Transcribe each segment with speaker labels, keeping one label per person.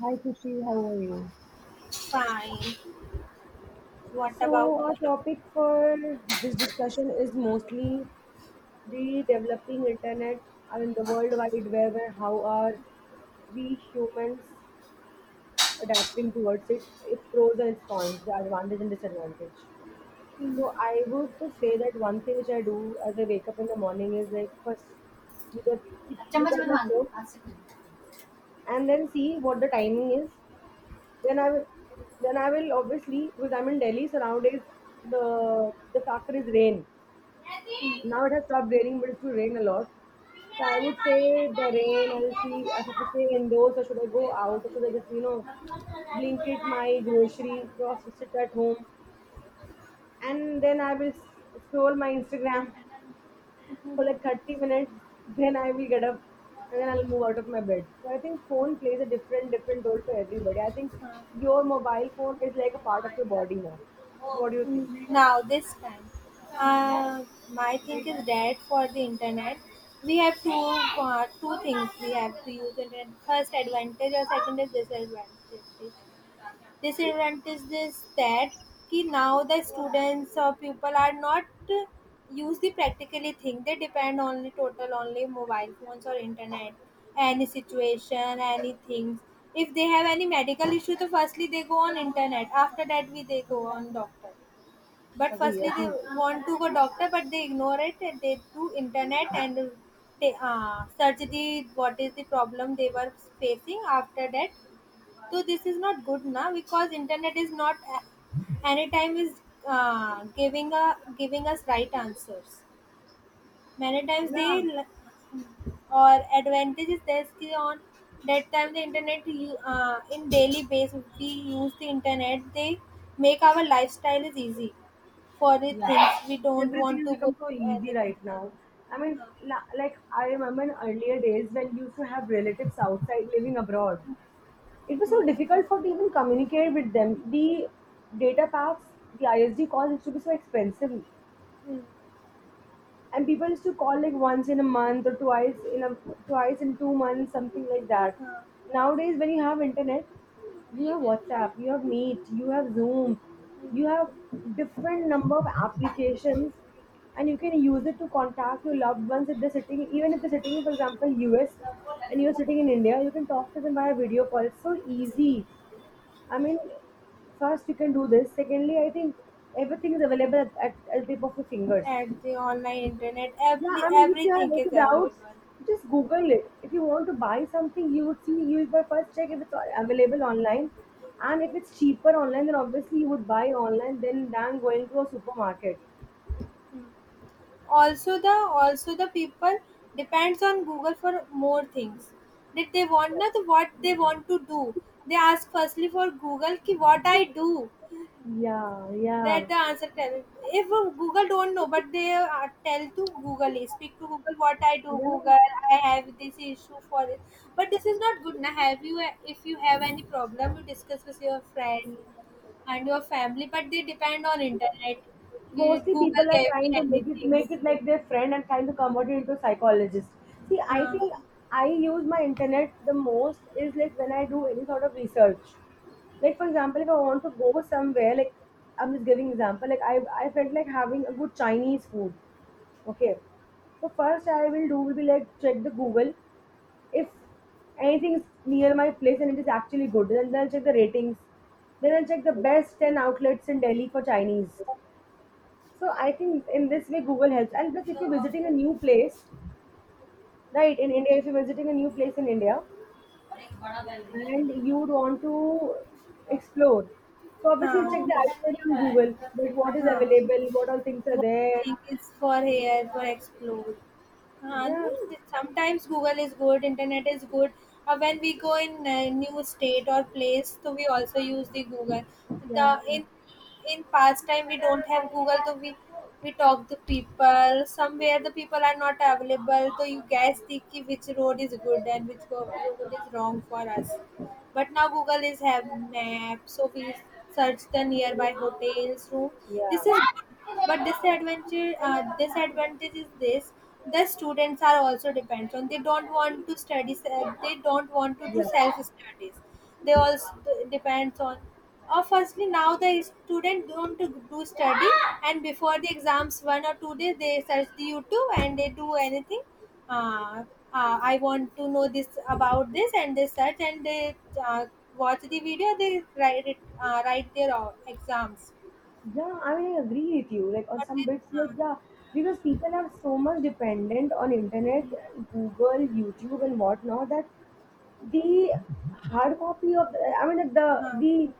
Speaker 1: Hi Kushi, how are you?
Speaker 2: Fine. What
Speaker 1: So,
Speaker 2: about
Speaker 1: our topic for this discussion is mostly the developing internet and the World Wide Web and how are we humans adapting towards it, its pros and its cons, the advantage and disadvantage. So, I would to say that one thing which I do as I wake up in the morning is like first see the, see, look at my phone and then see what the timing is. Then I will, then I will obviously because I'm in Delhi. So nowadays the factor is rain. Now it has stopped raining, but it used to rain a lot. So I would say the rain. I'll see. I have to stay indoors, or should I go out, or should I just blanket my grocery, just sit at home, and then I will scroll my Instagram for like 30 minutes, then I will get up and then I'll move out of my bed. So I think phone plays a different role for everybody. I think your mobile phone is like a part of your body now. What do you think?
Speaker 2: now this time? Uh, my thing is that for the internet, we have two things we have to use internet. First advantage or second is disadvantage. Disadvantages that कि now the students or people are not uh, use the practically thing they depend only total only mobile phones or internet any situation any things if they have any medical issue so firstly they go on internet after that we they go on doctor but
Speaker 1: Agree,
Speaker 2: firstly they
Speaker 1: agree.
Speaker 2: want to go doctor but they ignore it and they do internet and they search the what is the problem they were facing after that so this is not good now because internet is not any time is giving a giving us right answers. Many times
Speaker 1: Yeah.
Speaker 2: they or advantages there's ki on that time the internet you in daily basis we use the internet they make our lifestyle is easy for the
Speaker 1: Yeah,
Speaker 2: things we don't
Speaker 1: everything
Speaker 2: want
Speaker 1: has
Speaker 2: to go
Speaker 1: become so
Speaker 2: to
Speaker 1: easy
Speaker 2: anything
Speaker 1: right now. I mean, like I remember in earlier days when you used to have relatives outside living abroad, it was so difficult for to even communicate with them. The data packs, the ISD calls used to be so expensive, and people used to call like once in a month or twice in a twice in 2 months, something like that.
Speaker 2: uh,
Speaker 1: Nowadays when you have internet, you have WhatsApp, you have Meet, you have Zoom, you have different number of applications, and you can use it to contact your loved ones if they're sitting even if they're sitting in, for example, US and you're sitting in India, you can talk to them via video call. It's so easy. I mean, first you can do this, secondly I think everything is available at the tip of your fingers.
Speaker 2: at the online internet
Speaker 1: Yeah,
Speaker 2: every
Speaker 1: I mean, if you have
Speaker 2: everything is
Speaker 1: any doubts,
Speaker 2: available.
Speaker 1: just Google it. If you want to buy something, you would see, you would by first check if it's available online. And if it's cheaper online, then obviously you would buy online than going to a supermarket.
Speaker 2: Also the people depends on Google for more things. That they want not what they want to do? They ask firstly for Google ki what I do.
Speaker 1: Yeah, yeah.
Speaker 2: That the answer tell. If Google don't know, but they tell to Google, speak to Google what I do.
Speaker 1: Yeah,
Speaker 2: Google, I have this issue for it. But this is not good. Now, have you if you have any problem, you discuss with your friend and your family. But they depend on internet. कि
Speaker 1: mostly people
Speaker 2: Google
Speaker 1: are
Speaker 2: gave me
Speaker 1: trying to make it
Speaker 2: anything.
Speaker 1: make it like their friend and trying to convert it into psychologist. See, I
Speaker 2: हाँ.
Speaker 1: think I use my internet the most is like when I do any sort of research. Like for example, if I want to go somewhere, like I'm just giving example, like I felt like having a good Chinese food. Okay. So first I will do will be like check the Google. If anything is near my place and it is actually good, then I'll check the ratings. Then I'll check the best ten outlets in Delhi for Chinese. So I think in this way Google helps. And plus, if you're visiting a new place, right, in India, if you're visiting a new place in India and you would want to explore, so obviously you'll check the
Speaker 2: Huh.
Speaker 1: itinerary on Google, that what is
Speaker 2: Huh.
Speaker 1: available, what all things are
Speaker 2: What
Speaker 1: there.
Speaker 2: think is for here for explore. Huh.
Speaker 1: Yeah,
Speaker 2: No, sometimes Google is good, internet is good. When we go in a new state or place, so we also use the Google. The
Speaker 1: yeah, yeah,
Speaker 2: in past time we don't have google so we talk to people somewhere the people are not available so you guys think ki which road is good and which road is wrong for us but now google is have map so we search the nearby hotels room. This
Speaker 1: yeah,
Speaker 2: is good but disadvantage disadvantage is this the students are also dependent on they don't want to study they don't want to do
Speaker 1: yeah.
Speaker 2: self studies they also depends on firstly, now the student don't do study, and before the exams, one or two days they search the YouTube and they do anything. Uh, I want to know this about this, and they search and they uh, watch the video. They write it, write their exams.
Speaker 1: Yeah, I mean, I agree with you. Like on some bits, like
Speaker 2: But
Speaker 1: yeah, because people are so much dependent on internet, Google, YouTube, and whatnot that the hard copy of the, I mean, the
Speaker 2: they, uh,
Speaker 1: the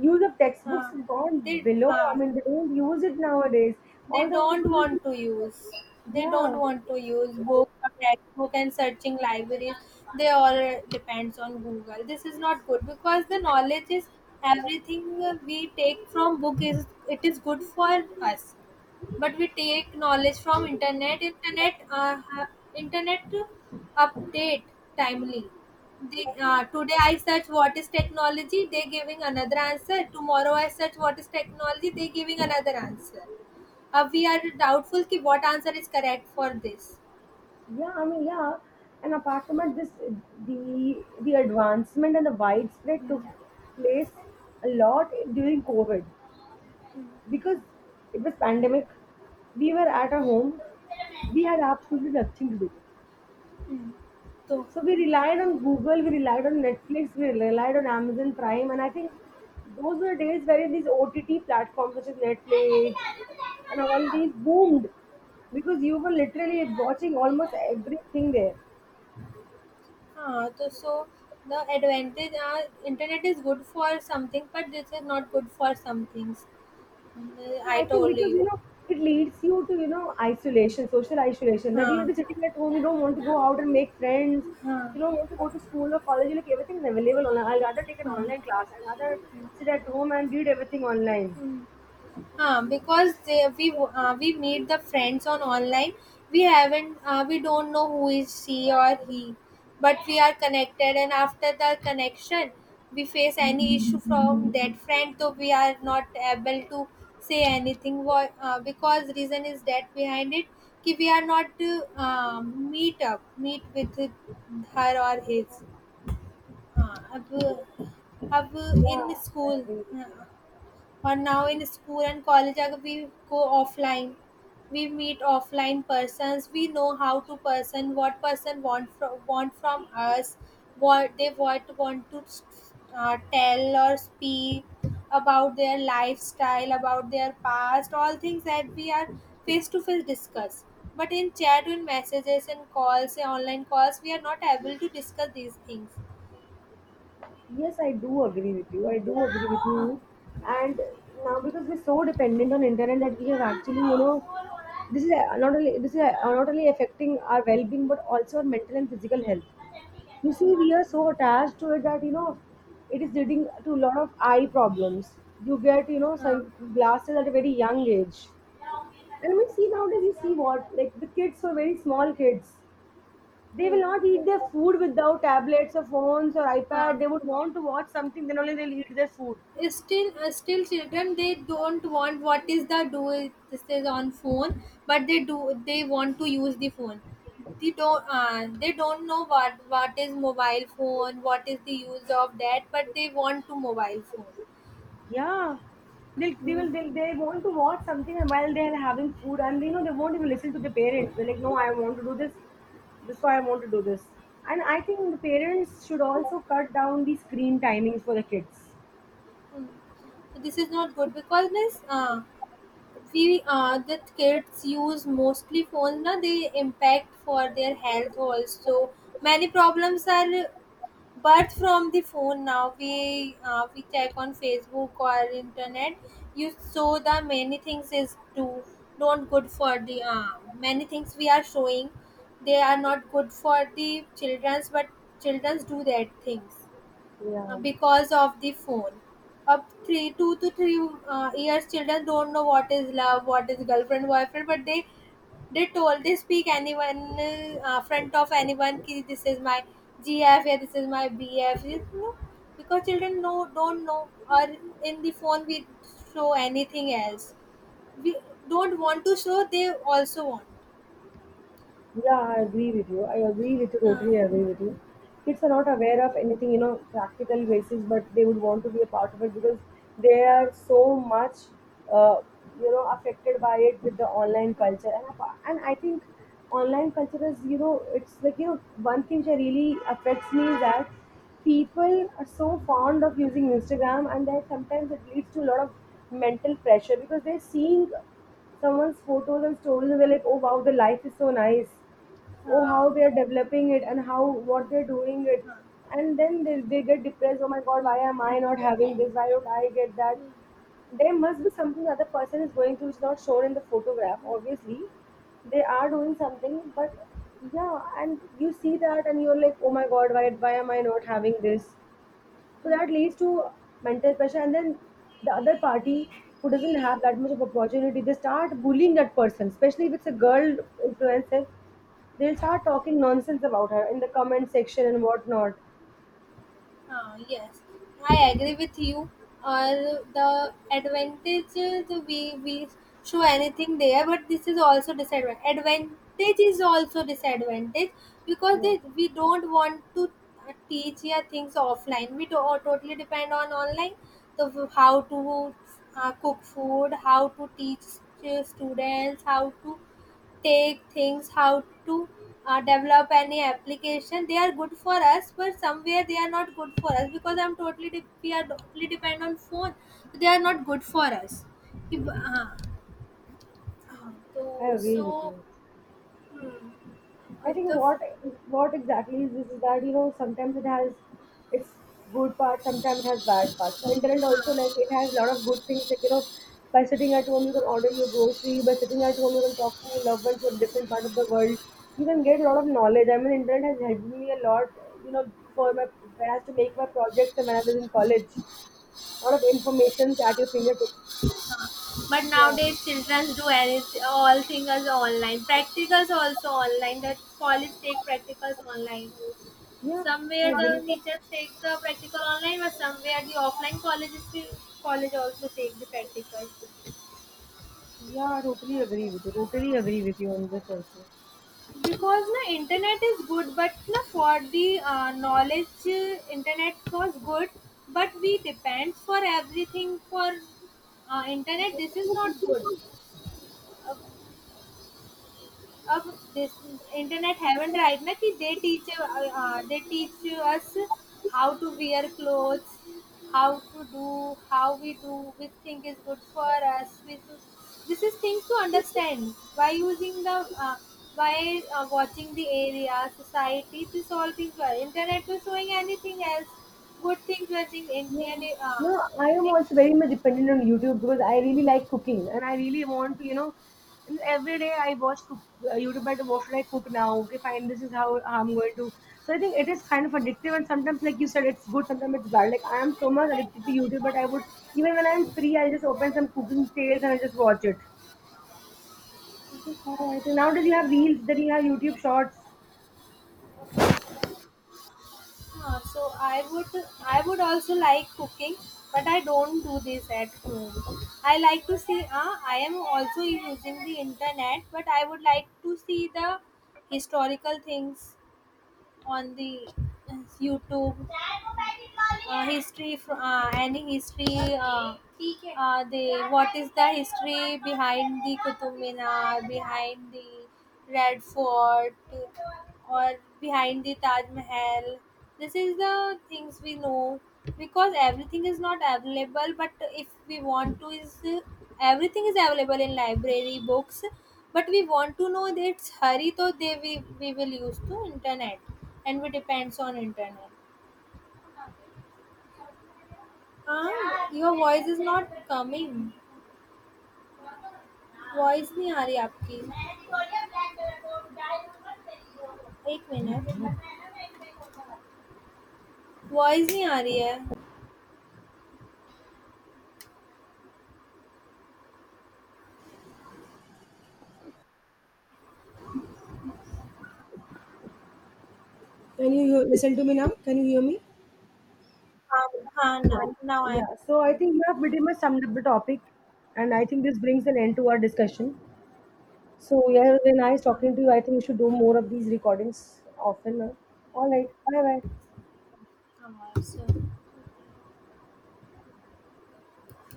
Speaker 1: use of
Speaker 2: uh,
Speaker 1: textbooks
Speaker 2: uh,
Speaker 1: have gone
Speaker 2: they,
Speaker 1: below. I
Speaker 2: uh,
Speaker 1: mean, they don't use it nowadays.
Speaker 2: they
Speaker 1: All they want to
Speaker 2: don't
Speaker 1: do is,
Speaker 2: want to use. They don't
Speaker 1: yeah,
Speaker 2: want to use book or textbook and searching libraries. They all depends on Google. This is not good because the knowledge is everything we take from book is it is good for us but we take knowledge from internet internet update timely they today I search what is technology they giving another answer tomorrow I search what is technology they giving another answer. अब we are doubtful कि what answer is correct for this,
Speaker 1: yeah. I mean, yeah. And apart from it, this the advancement and the widespread took place a lot during COVID because it was pandemic. We were at our home. We had absolutely nothing to do.
Speaker 2: हम्म तो
Speaker 1: So we relied on Google, we relied on Netflix, we relied on Amazon Prime, and I think those were days where these OTT platforms such as Netflix and all these boomed because you were literally watching almost everything there.
Speaker 2: हाँ तो so the advantage uh internet is good for something but this is not good for some things,
Speaker 1: And
Speaker 2: I
Speaker 1: I think
Speaker 2: told
Speaker 1: because you
Speaker 2: you.
Speaker 1: know it leads you to, you know, isolation, social isolation, that you'll be
Speaker 2: हाँ
Speaker 1: sitting at home, you don't want to go out and make friends,
Speaker 2: हाँ
Speaker 1: you don't want to go to school or college. You're like everything is available online. I'd rather take an
Speaker 2: हाँ.
Speaker 1: online class. I'd rather sit at home and read everything online.
Speaker 2: We meet the friends on online we haven't we don't know who is she or he but we are connected and after the connection we face any issue from that friend so we are not able to say anything. Why? Because reason is that behind it कि we are not to meet up meet with her or his अब अब in
Speaker 1: Yeah, I
Speaker 2: school
Speaker 1: agree.
Speaker 2: uh, or now in school and college अगर we go offline, we meet offline persons. We know how to person, what person want from us, what they want to tell or speak about their lifestyle, about their past, all things that we are face to face discuss. But in chat, in messages and calls, in online calls, we are not able to discuss these things.
Speaker 1: Yes, I do agree with you. I do agree with you. And now because we're so dependent on internet that we have actually, you know, this is not only this is not only affecting our well-being but also our mental and physical health. You see, we are so attached to it that you know it is leading to a lot of eye problems. You get, you know,
Speaker 2: हाँ.
Speaker 1: sun glasses at a very young age. And we see nowadays, you see what like the kids were very small kids. They will
Speaker 2: Hmm.
Speaker 1: not eat their food without
Speaker 2: Hmm.
Speaker 1: tablets or phones or iPad.
Speaker 2: हाँ.
Speaker 1: They would want to watch something, then only they'll eat their food.
Speaker 2: Still children they don't want what is the this is on phone but they do they want to use the phone they don't know what is mobile phone what is the use of that but they want to mobile phone.
Speaker 1: Yeah. They'll, they
Speaker 2: Mm.
Speaker 1: will they'll, They want to watch something while they're having food and you know they won't even listen to the parents. They're like, no, I want to do this. This is why I want to do this. And I think the parents should also cut down the screen timings for the kids.
Speaker 2: So this is not good because this we the kids use mostly phones na they impact for their health also many problems are but from the phone now we check on facebook or internet you saw the many things is do don't good for the many things we are showing they are not good for the children's but children's do that things
Speaker 1: Yeah.
Speaker 2: because of the phone. Up three, two to three years, children don't know what is love, what is girlfriend, boyfriend, but they told they speak anyone front of anyone. Ki, this is my GF, yeah, this is my BF. You know, because children know don't know or in the phone we show anything else. We don't want to show. They also want.
Speaker 1: Yeah, I agree with you. I agree with you,
Speaker 2: Uh,
Speaker 1: totally agree with you. Kids are not aware of anything, you know, practical basis, but they would want to be a part of it because they
Speaker 2: uh,
Speaker 1: are so much, uh, you know, affected by it with the online culture. And, and I think online culture is, you know, it's like, you know, one thing that really affects me is that people are so fond of using Instagram and that sometimes it leads to a lot of mental pressure because they're seeing someone's photos and stories and they're like, oh wow, the life is so nice, oh
Speaker 2: uh,
Speaker 1: how they're developing it and how, what they're doing it,
Speaker 2: uh,
Speaker 1: and then they get depressed, oh my god why
Speaker 2: uh.
Speaker 1: am I not having this, why don't I get that. There must be something the other person is going through which is not shown in the photograph. Obviously they are doing something, but yeah, and you see that and you're like, oh my god, why am I not having this. So that leads to mental pressure, and then the other party who doesn't have that much of opportunity, they start bullying that person, especially if it's a girl influencer. They'll start talking nonsense about her in the comment section and whatnot.
Speaker 2: Ah, yes, I agree with you. Uh, the advantages we show anything there, but this is also disadvantage. Advantage is also disadvantage because they, we don't want to teach here things offline. We do, or totally depend on online. The how to cook food, how to teach students, how to take things how to develop any application they are good for us but somewhere they are not good for us because we are totally depend on phone. So, they are not good for us. If- so
Speaker 1: I agree with
Speaker 2: so
Speaker 1: you.
Speaker 2: hmm,
Speaker 1: I think
Speaker 2: the f-
Speaker 1: what exactly is this is that you know sometimes it has its good parts, sometimes it has bad parts. So internet also like
Speaker 2: uh,
Speaker 1: it has a lot of good things, like you know, by sitting at home you can order your grocery, by sitting at home you can talk to your loved ones from different part of the world. You can get a lot of knowledge. I mean internet has helped me a lot, you know, for my, when I had to make my projects and when I was in college. A lot of information at your fingertips.
Speaker 2: but
Speaker 1: Yeah.
Speaker 2: nowadays children do anything all things online practicals also online that college take practicals online.
Speaker 1: Yeah, I
Speaker 2: Somewhere the
Speaker 1: agree.
Speaker 2: teachers take the practical online, but somewhere the offline colleges college also take the practical.
Speaker 1: Yeah, I totally agree with you.
Speaker 2: Okay.
Speaker 1: Totally agree with you on this also.
Speaker 2: Because na internet is good, but na for the knowledge, internet was good, but we depend for everything for internet. This is not good. Of this internet haven't right now कि they teach us how to wear clothes how to do how we do which thing is good for us which this is things to understand by using the uh, by watching the area society this all things were internet was showing anything else good things were in
Speaker 1: Yeah.
Speaker 2: indian
Speaker 1: No, I am also very much dependent on YouTube because I really like cooking and I really want to, you know, and every day I watch cook, YouTube, but what should I cook now? Okay, fine, this is how I'm going to. So I think it is kind of addictive and sometimes, like you said, it's good, sometimes it's bad. Like I am so much addicted to YouTube, but I would, even when I'm free, I just open some cooking tales and I just watch it. That's how I think. Nowadays you have reels, then you have YouTube shorts.
Speaker 2: Ah, so I would also like cooking, but I don't do this at home. I like to see. Ah, I am also using the internet, but I would like to see the historical things on the YouTube any history uh, the what is the history behind the Qutub Minar behind the Red Fort or behind the Taj Mahal this is the things we know because everything is not available but if we want to is everything is available in library books but we want to know that hurry so they we will use to internet and we depends on internet. हाँ your voice is not coming. Voice नहीं आ रही आपकी. एक minute. Voice नहीं आ रही है.
Speaker 1: Can you listen to me now? Can you hear me?
Speaker 2: हाँ ना.
Speaker 1: Right.
Speaker 2: Now I.
Speaker 1: Yeah, so I think you have pretty much summed up the topic, and I think this brings an end to our discussion. So, yeah, it was very nice
Speaker 2: हाँ.
Speaker 1: talking to you. I think we should do more of these recordings often. All right, bye bye.
Speaker 2: 干嘛要笑。